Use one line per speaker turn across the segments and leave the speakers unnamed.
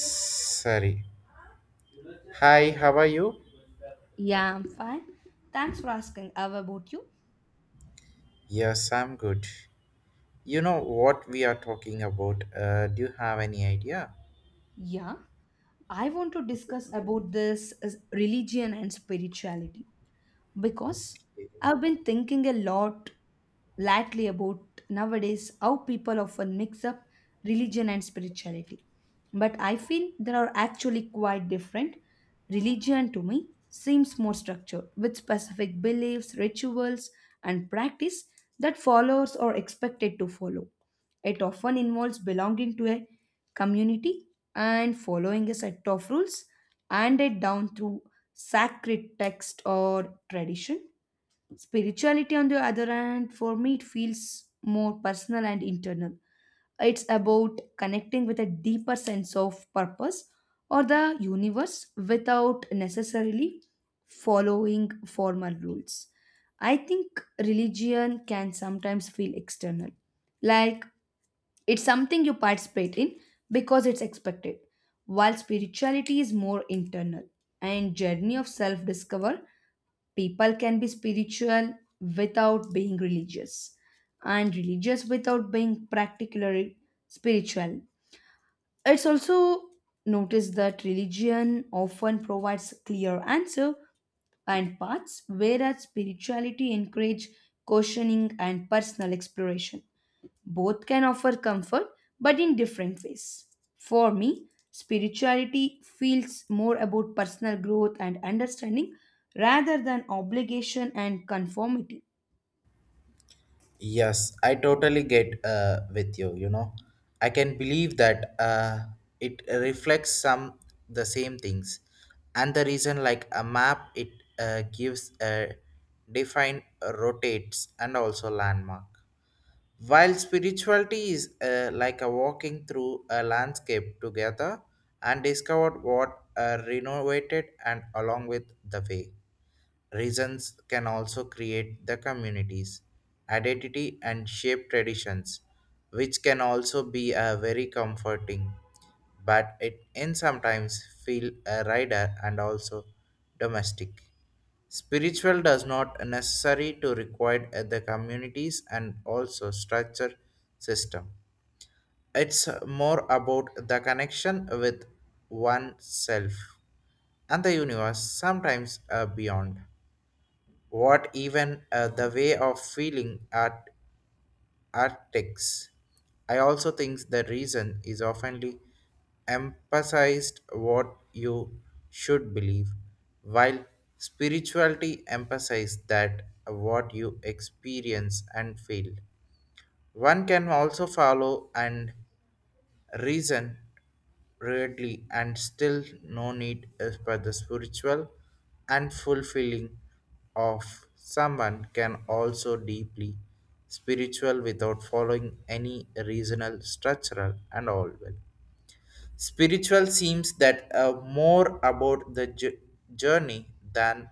Sorry. Hi, how are you?
Yeah, I'm fine. Thanks for asking. How about you?
Yes, I'm good. You know what we are talking about? Do you have any idea?
Yeah, I want to discuss about this as religion and spirituality. Because I've been thinking a lot lately about nowadays how people often mix up religion and spirituality. But I feel they are actually quite different. Religion to me seems more structured with specific beliefs, rituals, and practice that followers are expected to follow. It often involves belonging to a community and following a set of rules handed down through sacred text or tradition. Spirituality, on the other hand, for me, it feels more personal and internal. It's about connecting with a deeper sense of purpose or the universe without necessarily following formal rules. I think religion can sometimes feel external, like it's something you participate in because it's expected, while spirituality is more internal and journey of self-discover. People can be spiritual without being religious and religious without being particularly spiritual. It's also noticed that religion often provides clear answer and paths, whereas spirituality encourage questioning and personal exploration. Both can offer comfort, but in different ways. For me, spirituality feels more about personal growth and understanding rather than obligation and conformity.
Yes, I totally get with you. You know, I can believe that it reflects some the same things, and the reason like a map it gives a defined rotates and also landmark. While spirituality is like a walking through a landscape together and discovered what renovated and along with the way. Reasons can also create the communities, identity, and shape traditions, which can also be a very comforting. But it in sometimes feel a rider and also domestic. Spiritual does not necessary to require the communities and also structure system. It's more about the connection with oneself and the universe, sometimes beyond what even the way of feeling art artics. I also think the reason is oftenly emphasized what you should believe, while spirituality emphasizes that what you experience and feel. One can also follow and reason rarely and still no need is for the spiritual and fulfilling of someone can also deeply spiritual without following any reasonal structural and all well spiritual seems that more about the journey than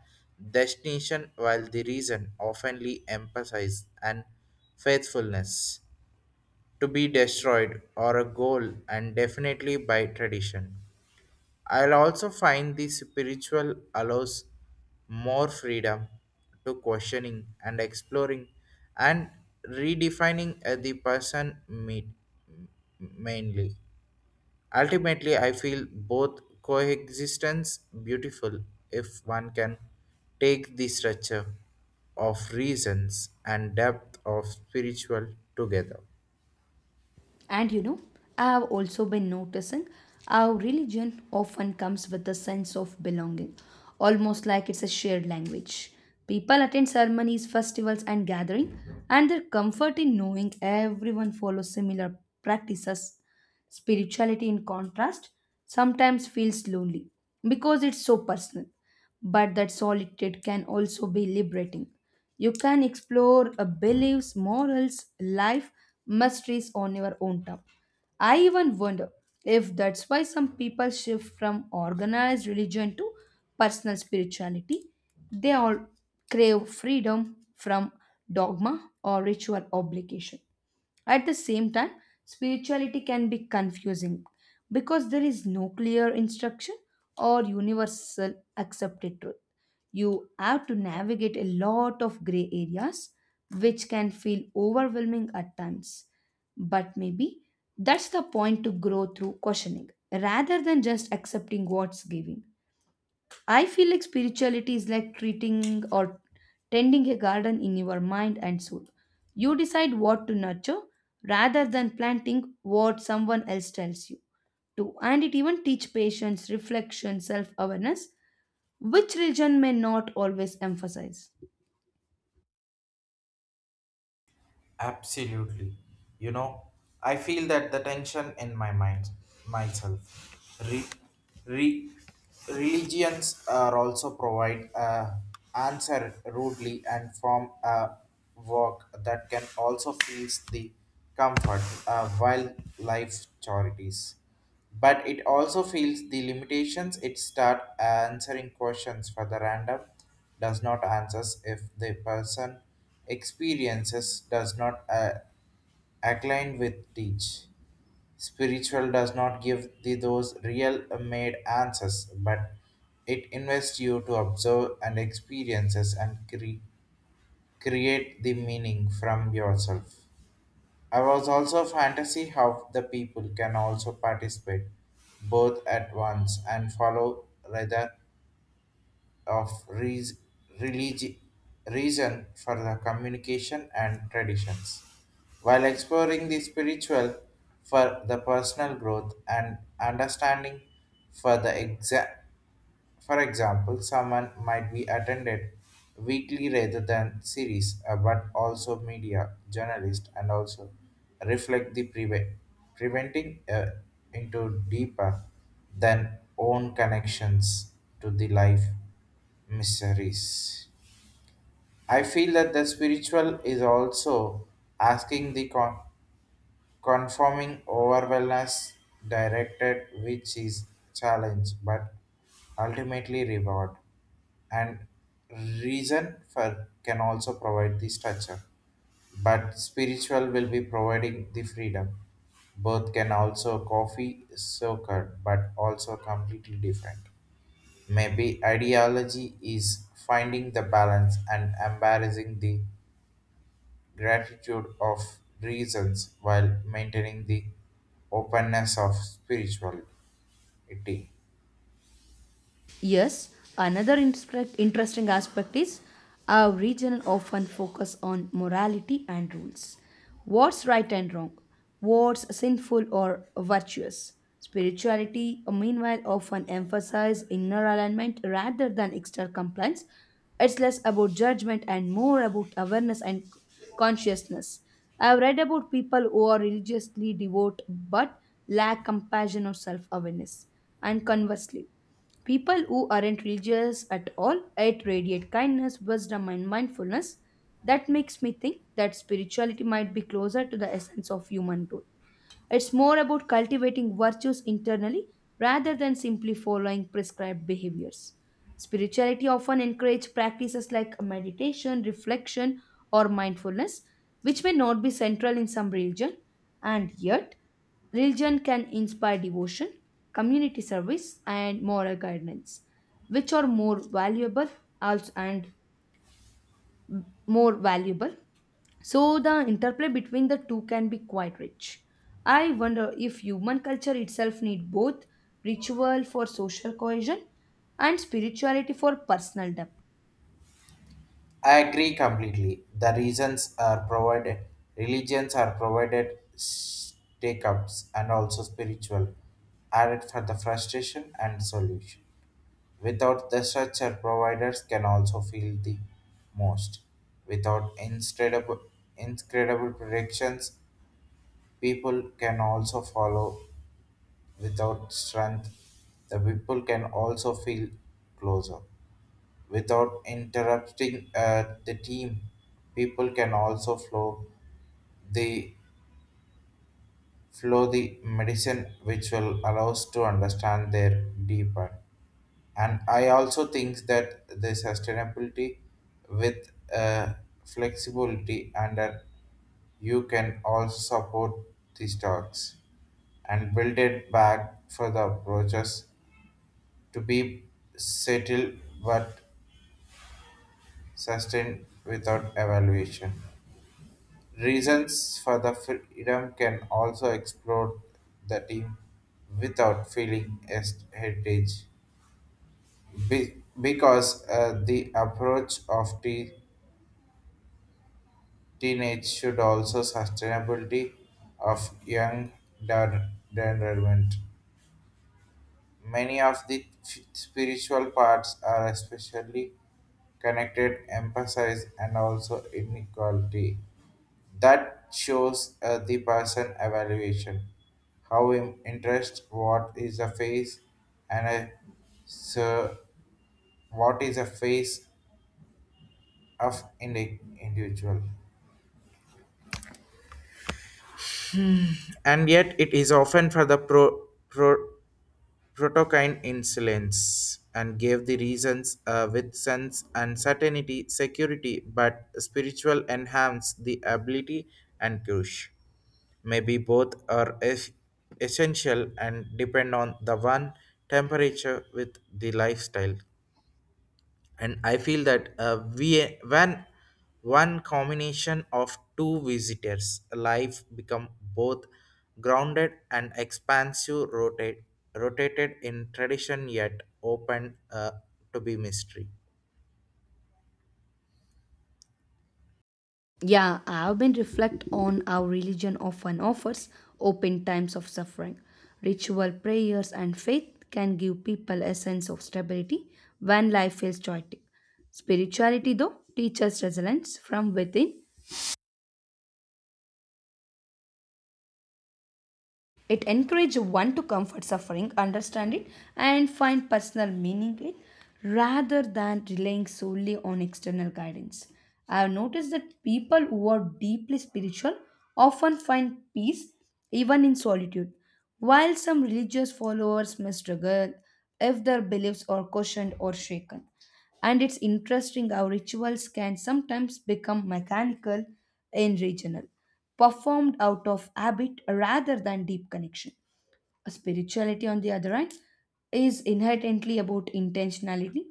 destination while the reason oftenly emphasizes and faithfulness to be destroyed or a goal and definitely by tradition. I'll also find the spiritual allows more freedom to questioning and exploring and redefining the person meet mainly. Ultimately, I feel both coexistence beautiful if one can take the structure of reasons and depth of spiritual together.
And you know, I have also been noticing how religion often comes with a sense of belonging, almost like it's a shared language. People attend ceremonies, festivals, and gatherings, and their comfort in knowing everyone follows similar practices. Spirituality, in contrast, sometimes feels lonely because it's so personal. But that solitude can also be liberating. You can explore beliefs, morals, life, mysteries on your own terms. I even wonder if that's why some people shift from organized religion to personal spirituality. They all crave freedom from dogma or ritual obligation. At the same time, spirituality can be confusing because there is no clear instruction or universal accepted truth. You have to navigate a lot of gray areas, which can feel overwhelming at times. But maybe that's the point to grow through questioning rather than just accepting what's given. I feel like spirituality is like treating or tending a garden in your mind and soul. You decide what to nurture rather than planting what someone else tells you to. And it even teach patience, reflection, self-awareness, which religion may not always emphasize.
Absolutely. You know, I feel that the tension in my mind, myself. Re, Religions are also provide a answer rudely and form a work that can also feel the comfort while life charities, but it also feels the limitations. It start answering questions for the random, does not answers if the person experiences does not align with teach. Spiritual does not give the those real made answers, but it invests you to observe and experiences and create the meaning from yourself. I was also fantasy how the people can also participate both at once and follow rather of religi- reason for the communication and traditions. While exploring the spiritual for the personal growth and understanding for the exact. For example, someone might be attended weekly rather than series, but also media, journalist, and also reflect the preventing into deeper than own connections to the life mysteries. I feel that the spiritual is also asking the conforming overwhelmness directed, which is challenge but ultimately reward. And reason for can also provide the structure, but spiritual will be providing the freedom. Both can also coffee soaked but also completely different. Maybe ideology is finding the balance and embarrassing the gratitude of reasons while maintaining the openness of spirituality.
Yes, another interesting aspect is our region often focus on morality and rules. What's right and wrong? What's sinful or virtuous? Spirituality, meanwhile, often emphasize inner alignment rather than external compliance. It's less about judgment and more about awareness and consciousness. I've read about people who are religiously devout but lack compassion or self awareness, and conversely. People who aren't religious at all yet radiate kindness, wisdom, and mindfulness. That makes me think that spirituality might be closer to the essence of human truth. It's more about cultivating virtues internally rather than simply following prescribed behaviors. Spirituality often encourages practices like meditation, reflection, or mindfulness, which may not be central in some religion, and yet religion can inspire devotion, community service, and moral guidance, which are more valuable and more valuable. So the interplay between the two can be quite rich. I wonder if human culture itself need both ritual for social cohesion and spirituality for personal depth.
I agree completely. The reasons are provided, religions are provided take ups and also spiritual added for the frustration and solution. Without the structure, providers can also feel the most. Without incredible predictions, people can also follow. Without strength, the people can also feel closer. Without interrupting the team, people can also the flow the medicine, which will allow us to understand their deeper. And I also think that the sustainability with flexibility and you can also support these talks and build it back for the approaches to be settled but sustained without evaluation. Reasons for the freedom can also explore the team without feeling as heritage. Because the approach of the teenage should also sustainability of young environment. Many of the spiritual parts are especially connected, emphasize, and also inequality. That shows the person evaluation, how interest, what is a face, and a, so what is a face of individual. And yet, it is often for the Protokind insolence and gave the reasons with sense and certainty, security, but spiritual enhance the ability and kush. Maybe both are essential and depend on the one temperature with the lifestyle. And I feel that we when one combination of two visitors life become both grounded and expansive rotate, rotated in tradition yet open to be mystery.
Yeah, I've been reflect on how religion often offers open times of suffering. Ritual prayers and faith can give people a sense of stability when life feels chaotic. Spirituality, though, teaches resilience from within. It encourages one to comfort suffering, understand it, and find personal meaning in it rather than relying solely on external guidance. I have noticed that people who are deeply spiritual often find peace even in solitude, while some religious followers may struggle if their beliefs are questioned or shaken. And it's interesting how rituals can sometimes become mechanical and regional, performed out of habit rather than deep connection. Spirituality, on the other hand, is inherently about intentionality.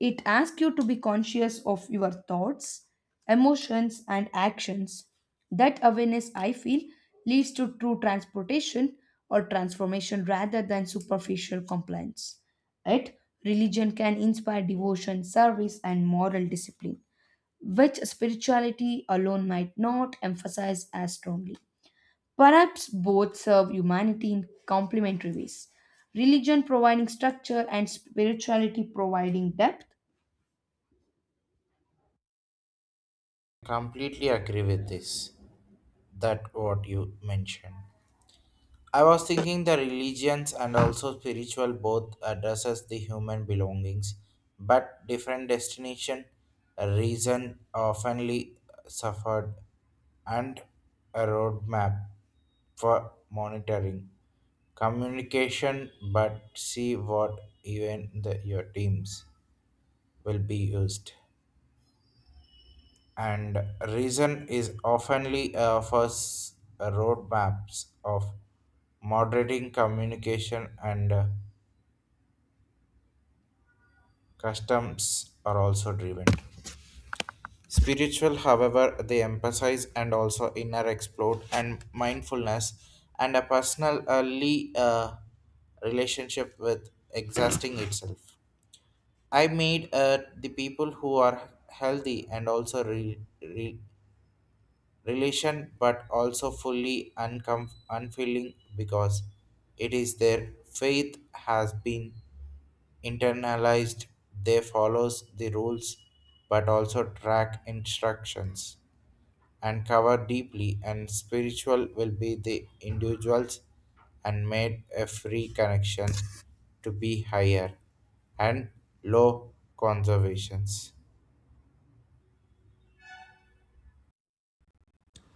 It asks you to be conscious of your thoughts, emotions, and actions. That awareness, I feel, leads to true transportation or transformation rather than superficial compliance. Yet, religion can inspire devotion, service, and moral discipline which spirituality alone might not emphasize as strongly. Perhaps both serve humanity in complementary ways, religion providing structure and spirituality providing depth.
Completely agree with this, that what you mentioned. I was thinking the religions and also spiritual both addresses the human belongings, but different destination. Reason oftenly suffered, and a roadmap for monitoring communication, but see what even the, your teams will be used. And reason is oftenly for roadmaps of moderating communication and customs are also driven. Spiritual, however, they emphasize and also inner explore and mindfulness and a personal early relationship with exhausting itself. I made the people who are healthy and also relation but also fully unfeeling, because it is their faith has been internalized. They follows the rules but also track instructions and cover deeply, and spiritual will be the individuals and made a free connection to be higher and low conservations.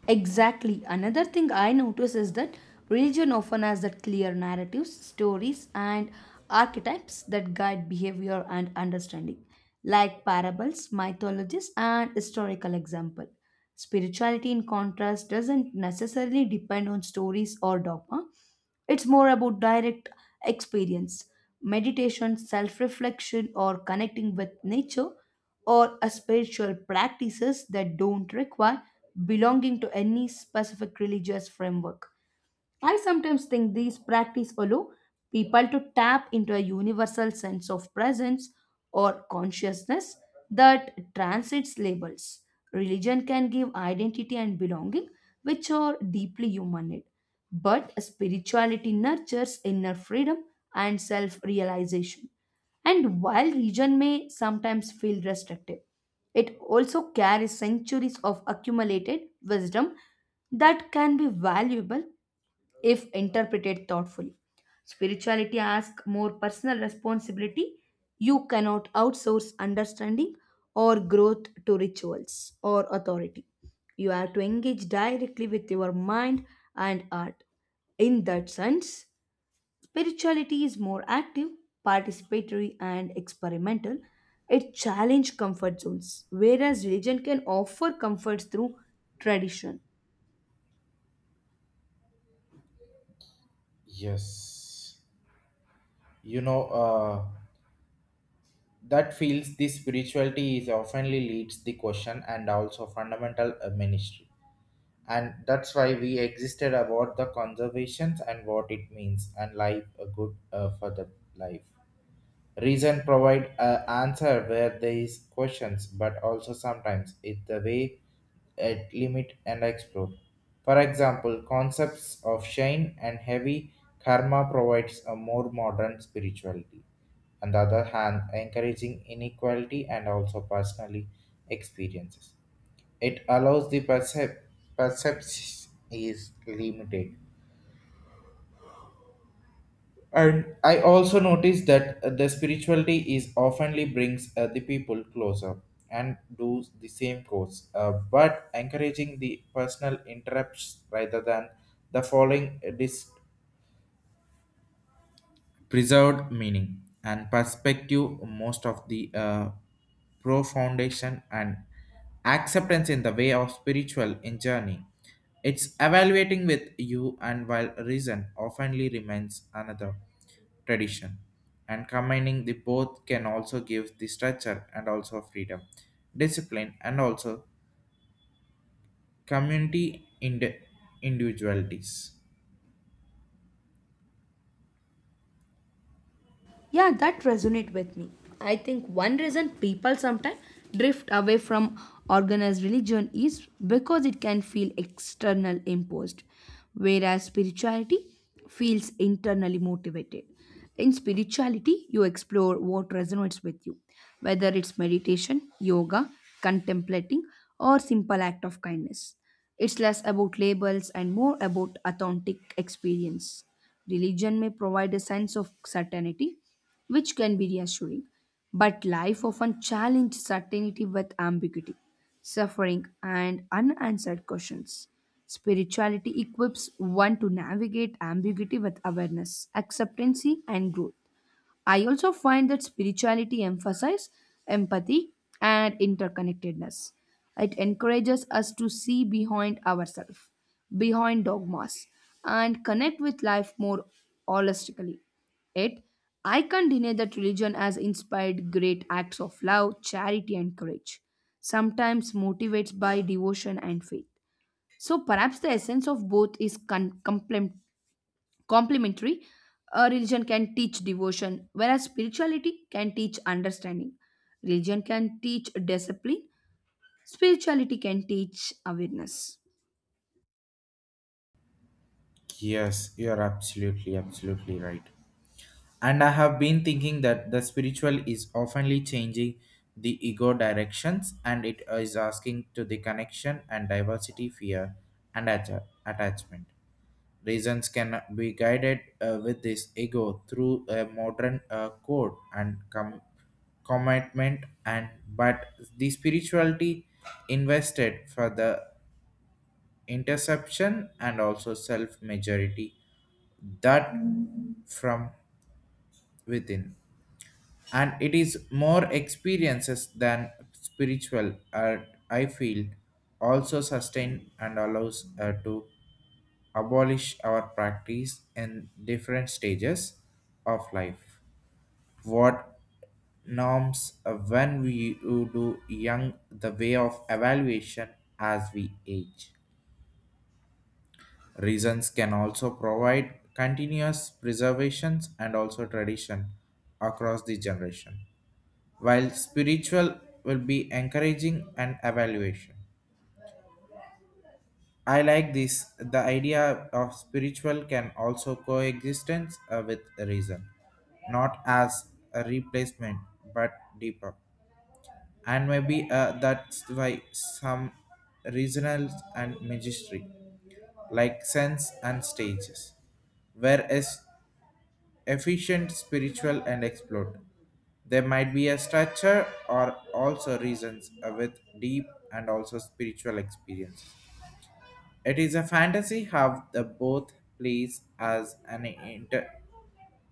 Exactly. Another thing I notice is that religion often has that clear narratives, stories, and archetypes that guide behavior and understanding, like parables, mythologies, and historical example. Spirituality, in contrast, doesn't necessarily depend on stories or dogma. It's more about direct experience, meditation, self reflection, or connecting with nature, or a spiritual practices that don't require belonging to any specific religious framework. I sometimes think these practices allow people to tap into a universal sense of presence or consciousness that transcends labels. Religion can give identity and belonging, which are deeply human need. But spirituality nurtures inner freedom and self realization. And while religion may sometimes feel restrictive, it also carries centuries of accumulated wisdom that can be valuable if interpreted thoughtfully. Spirituality asks more personal responsibility. You cannot outsource understanding or growth to rituals or authority. You have to engage directly with your mind and art. In that sense, spirituality is more active, participatory, and experimental. It challenges comfort zones, whereas religion can offer comforts through tradition.
Yes. You know, that feels this spirituality is oftenly leads the question and also fundamental ministry, and that's why we existed about the conservations and what it means and life a good for the life. Reason provide a answer where there is questions, but also sometimes it's the way it limit and explore. For example, concepts of shine and heavy karma provides a more modern spirituality. On the other hand, encouraging inequality and also personally experiences. It allows the perception is limited. And I also noticed that the spirituality is oftenly brings the people closer and do the same course, but encouraging the personal interrupts rather than the following preserved meaning and perspective most of the pro foundation and acceptance in the way of spiritual in journey. It's evaluating with you, and while reason oftenly remains another tradition, and combining the both can also give the structure and also freedom discipline and also community in individualities.
Yeah, that resonate with me. I think one reason people sometimes drift away from organized religion is because it can feel external imposed, whereas spirituality feels internally motivated. In spirituality, you explore what resonates with you, whether it's meditation, yoga, contemplating, or simple act of kindness. It's less about labels and more about authentic experience. Religion may provide a sense of certainty, which can be reassuring, but life often challenges certainty with ambiguity, suffering, and unanswered questions. Spirituality equips one to navigate ambiguity with awareness, acceptance, and growth. I also find that spirituality emphasizes empathy and interconnectedness. It encourages us to see behind ourselves, behind dogmas, and connect with life more holistically. It, I can't deny that religion has inspired great acts of love, charity, and courage, sometimes motivated by devotion and faith. So perhaps the essence of both is Complementary, a religion can teach devotion, whereas spirituality can teach understanding. Religion can teach discipline, spirituality can teach awareness.
Yes, you are absolutely right. And I have been thinking that the spiritual is oftenly changing the ego directions, and it is asking to the connection and diversity fear and attachment. Reasons can be guided with this ego through a modern code and commitment and but the spirituality invested for the interception and also self majority that from within, and it is more experiences than spiritual. I feel also sustain and allows to abolish our practice in different stages of life, what norms when we you do young the way of evaluation as we age. Reasons can also provide continuous preservations and also tradition across the generation, while spiritual will be encouraging and evaluation. I like this. The idea of spiritual can also coexistence with reason, not as a replacement, but deeper. And maybe that's why some regionals and magistry like sense and stages were as efficient spiritual and explored. There might be a structure or also reasons with deep and also spiritual experience. It is a fantasy how the both plays as an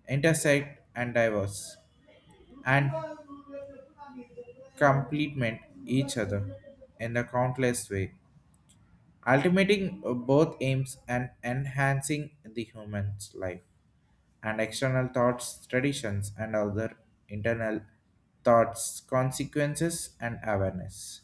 intersect and diverse and complement each other in a countless way, ultimating both aims and enhancing the human's life and external thoughts, traditions, and other internal thoughts, consequences, and awareness.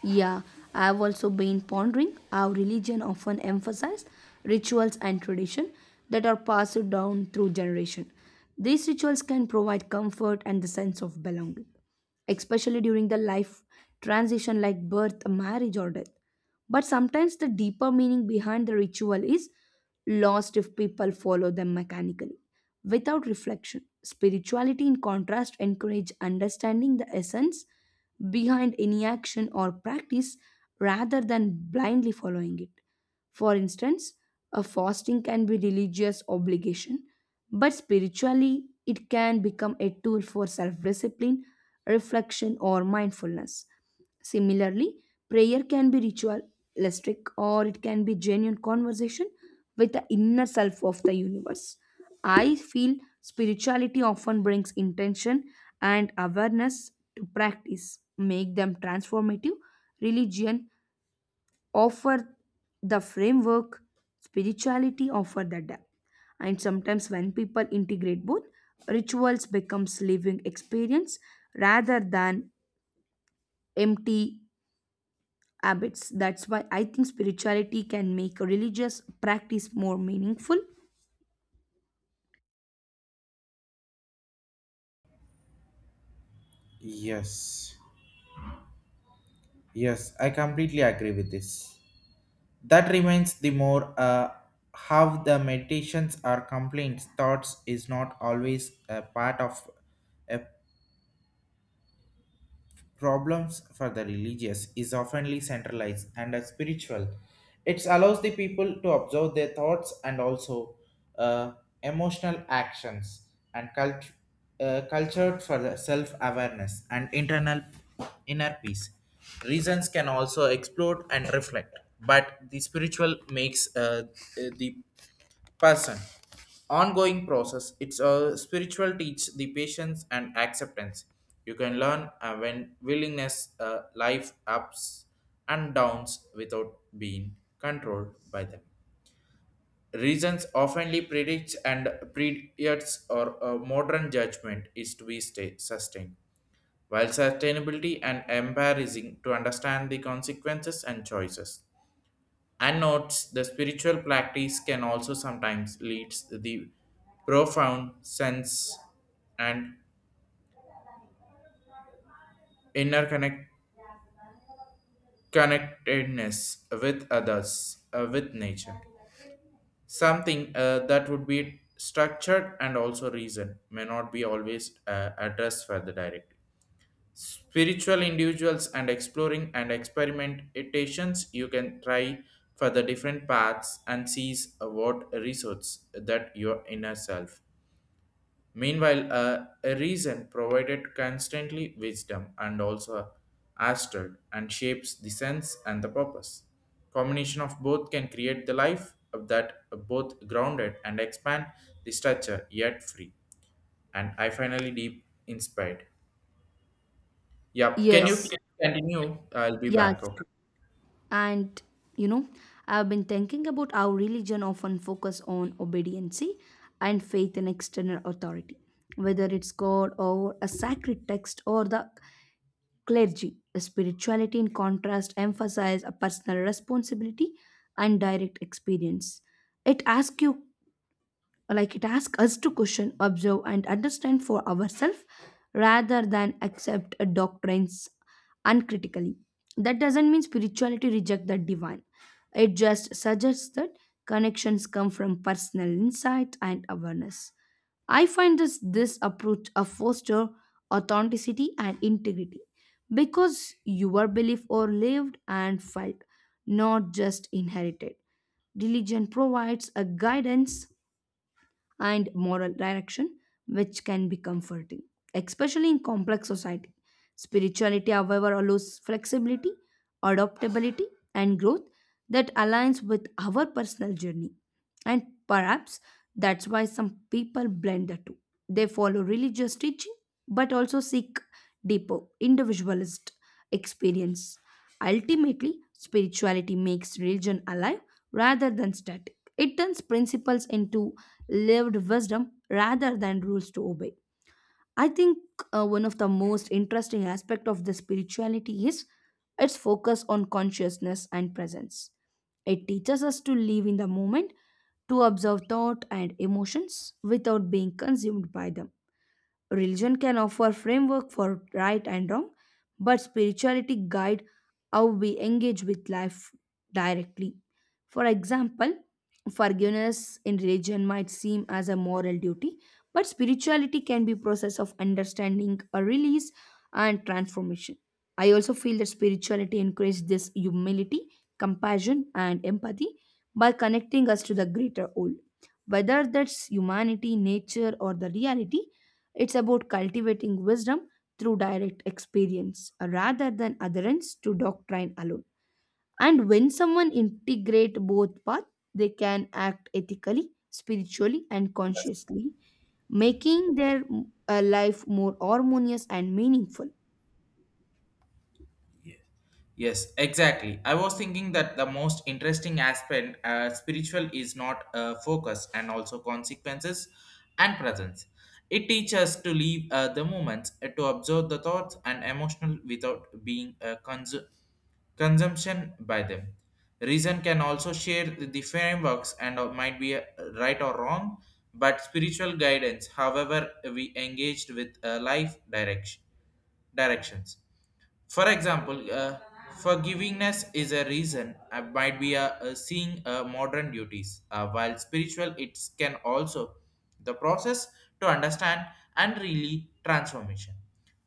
Yeah, I've also been pondering how religion often emphasizes rituals and tradition that are passed down through generation. These rituals can provide comfort and the sense of belonging, especially during the life transition like birth, marriage, or death. But sometimes the deeper meaning behind the ritual is lost if people follow them mechanically without reflection. Spirituality, in contrast, encourages understanding the essence behind any action or practice rather than blindly following it. For instance, a fasting can be religious obligation, but spiritually it can become a tool for self-discipline, reflection or mindfulness. Similarly, prayer can be ritualistic or it can be genuine conversation with the inner self of the universe. I feel spirituality often brings intention and awareness to practice, make them transformative. Religion offer the framework, spirituality offer the depth. And sometimes when people integrate both, rituals becomes living experience rather than empty habits. That's why I think spirituality can make a religious practice more meaningful.
Yes, yes, I completely agree with this. That remains the more how the meditations or complaints thoughts is not always a part of a problems for the religious is oftenly centralized and are spiritual. It allows the people to observe their thoughts and also uh, emotional actions and cultured for the self-awareness and internal inner peace. Reasons can also explode and reflect, but the spiritual makes the person ongoing process. It's a spiritual teach the patience and acceptance. You can learn when willingness life ups and downs without being controlled by them. Reasons oftenly predicts and predicts or a modern judgment is to be stay, sustained, while sustainability and embarrassing to understand the consequences and choices. And notes the spiritual practice can also sometimes lead the profound sense and inner connectedness with others, with nature. Something that would be structured and also reason may not be always addressed further directly. Spiritual individuals and exploring and experimentations, you can try for the different paths and sees what resource that your inner self. Meanwhile, a reason provided constantly wisdom and also astral and shapes the sense and the purpose. Combination of both can create the life of that both grounded and expand the structure yet free. And I finally deep inspired. Yeah,
Yeah.
can you
Yes,
continue? I'll be
yes.
back. Okay.
And you know, I've been thinking about how religion often focus on obedience and faith in external authority, whether it's God or a sacred text or the clergy. Spirituality, in contrast, emphasizes a personal responsibility and direct experience. It asks you, like it asks us to question observe and understand for ourselves rather than accept a doctrines uncritically. That doesn't mean spirituality reject the divine, it just suggests that connections come from personal insight and awareness. I find this approach a foster authenticity and integrity because your belief or lived and felt, not just inherited. Religion provides a guidance and moral direction, which can be comforting, especially in complex society. Spirituality, however, allows flexibility, adaptability, and growth that aligns with our personal journey. And perhaps that's why some people blend the two. They follow religious teaching but also seek deeper individualist experience. Ultimately, spirituality makes religion alive rather than static. It turns principles into lived wisdom rather than rules to obey. I think one of the most interesting aspect of this spirituality is its focus on consciousness and presence. It teaches us to live in the moment, to observe thought and emotions without being consumed by them. Religion can offer framework for right and wrong, but spirituality guide how we engage with life directly. For example, forgiveness in religion might seem as a moral duty, but spirituality can be process of understanding, a release and transformation. I also feel that spirituality increases this humility, compassion and empathy by connecting us to the greater whole. Whether that's humanity, nature or the reality, it's about cultivating wisdom through direct experience rather than adherence to doctrine alone. And when someone integrate both paths, they can act ethically, spiritually, and consciously, making their life more harmonious and meaningful.
Yes, exactly. I was thinking that the most interesting aspect spiritual is not focus and also consequences and presence. It teaches us to leave the moments, to observe the thoughts and emotional without being consumption by them. Reason can also share the frameworks and might be right or wrong, but spiritual guidance, however, we engaged with life directions. For example, forgivingness is a reason might be a seeing modern duties, while spiritual it can also the process to understand and really transformation.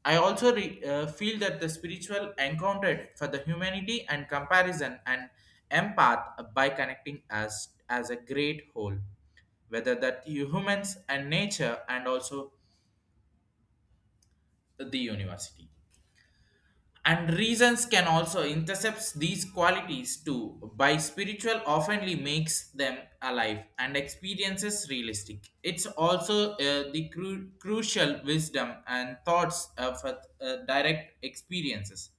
I also feel that the spiritual encountered for the humanity and comparison and empath by connecting as a great whole, whether that humans and nature and also the university. And reasons can also intercept these qualities too, by spiritual oftenly makes them alive and experiences realistic. It's also the crucial wisdom and thoughts of direct experiences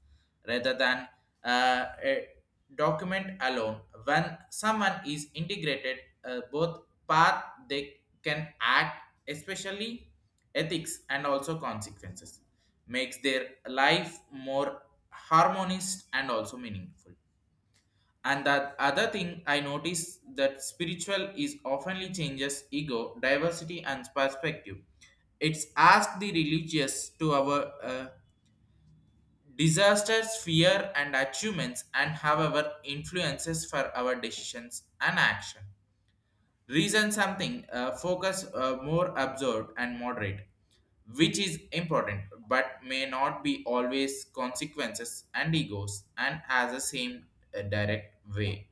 rather than a document alone. When someone is integrated, both path they can act, especially ethics and also consequences, makes their life more harmonious and also meaningful. And that other thing I notice, that spiritual is oftenly changes ego, diversity, and perspective. It's asked the religious to our disasters, fear, and achievements, and however, influences for our decisions and action. Reason something, focus more absorbed and moderate, which is important but may not be always consequences and egos and has the same direct way.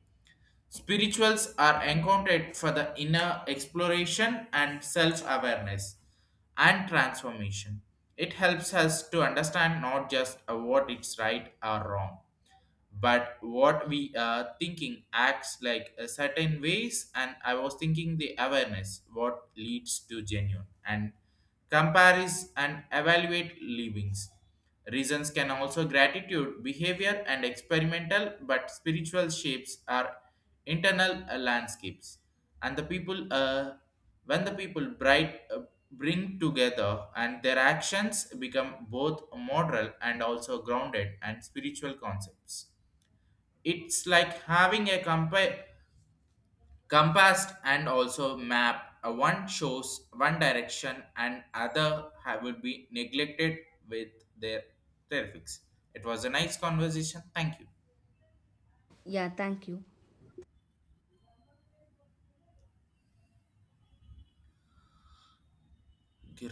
Spirituals are encountered for the inner exploration and self awareness and transformation. It helps us to understand not just what is right or wrong, but what we are thinking acts like a certain ways. And I was thinking the awareness what leads to genuine and compares and evaluate livings. Reasons can also gratitude behavior and experimental, but spiritual shapes are internal landscapes. And the people when the people bright bring together, and their actions become both moral and also grounded and spiritual concepts. It's like having a compass and also map. One shows one direction and other would be neglected with their terrifics. It was a nice conversation. Thank
Thank you.
you.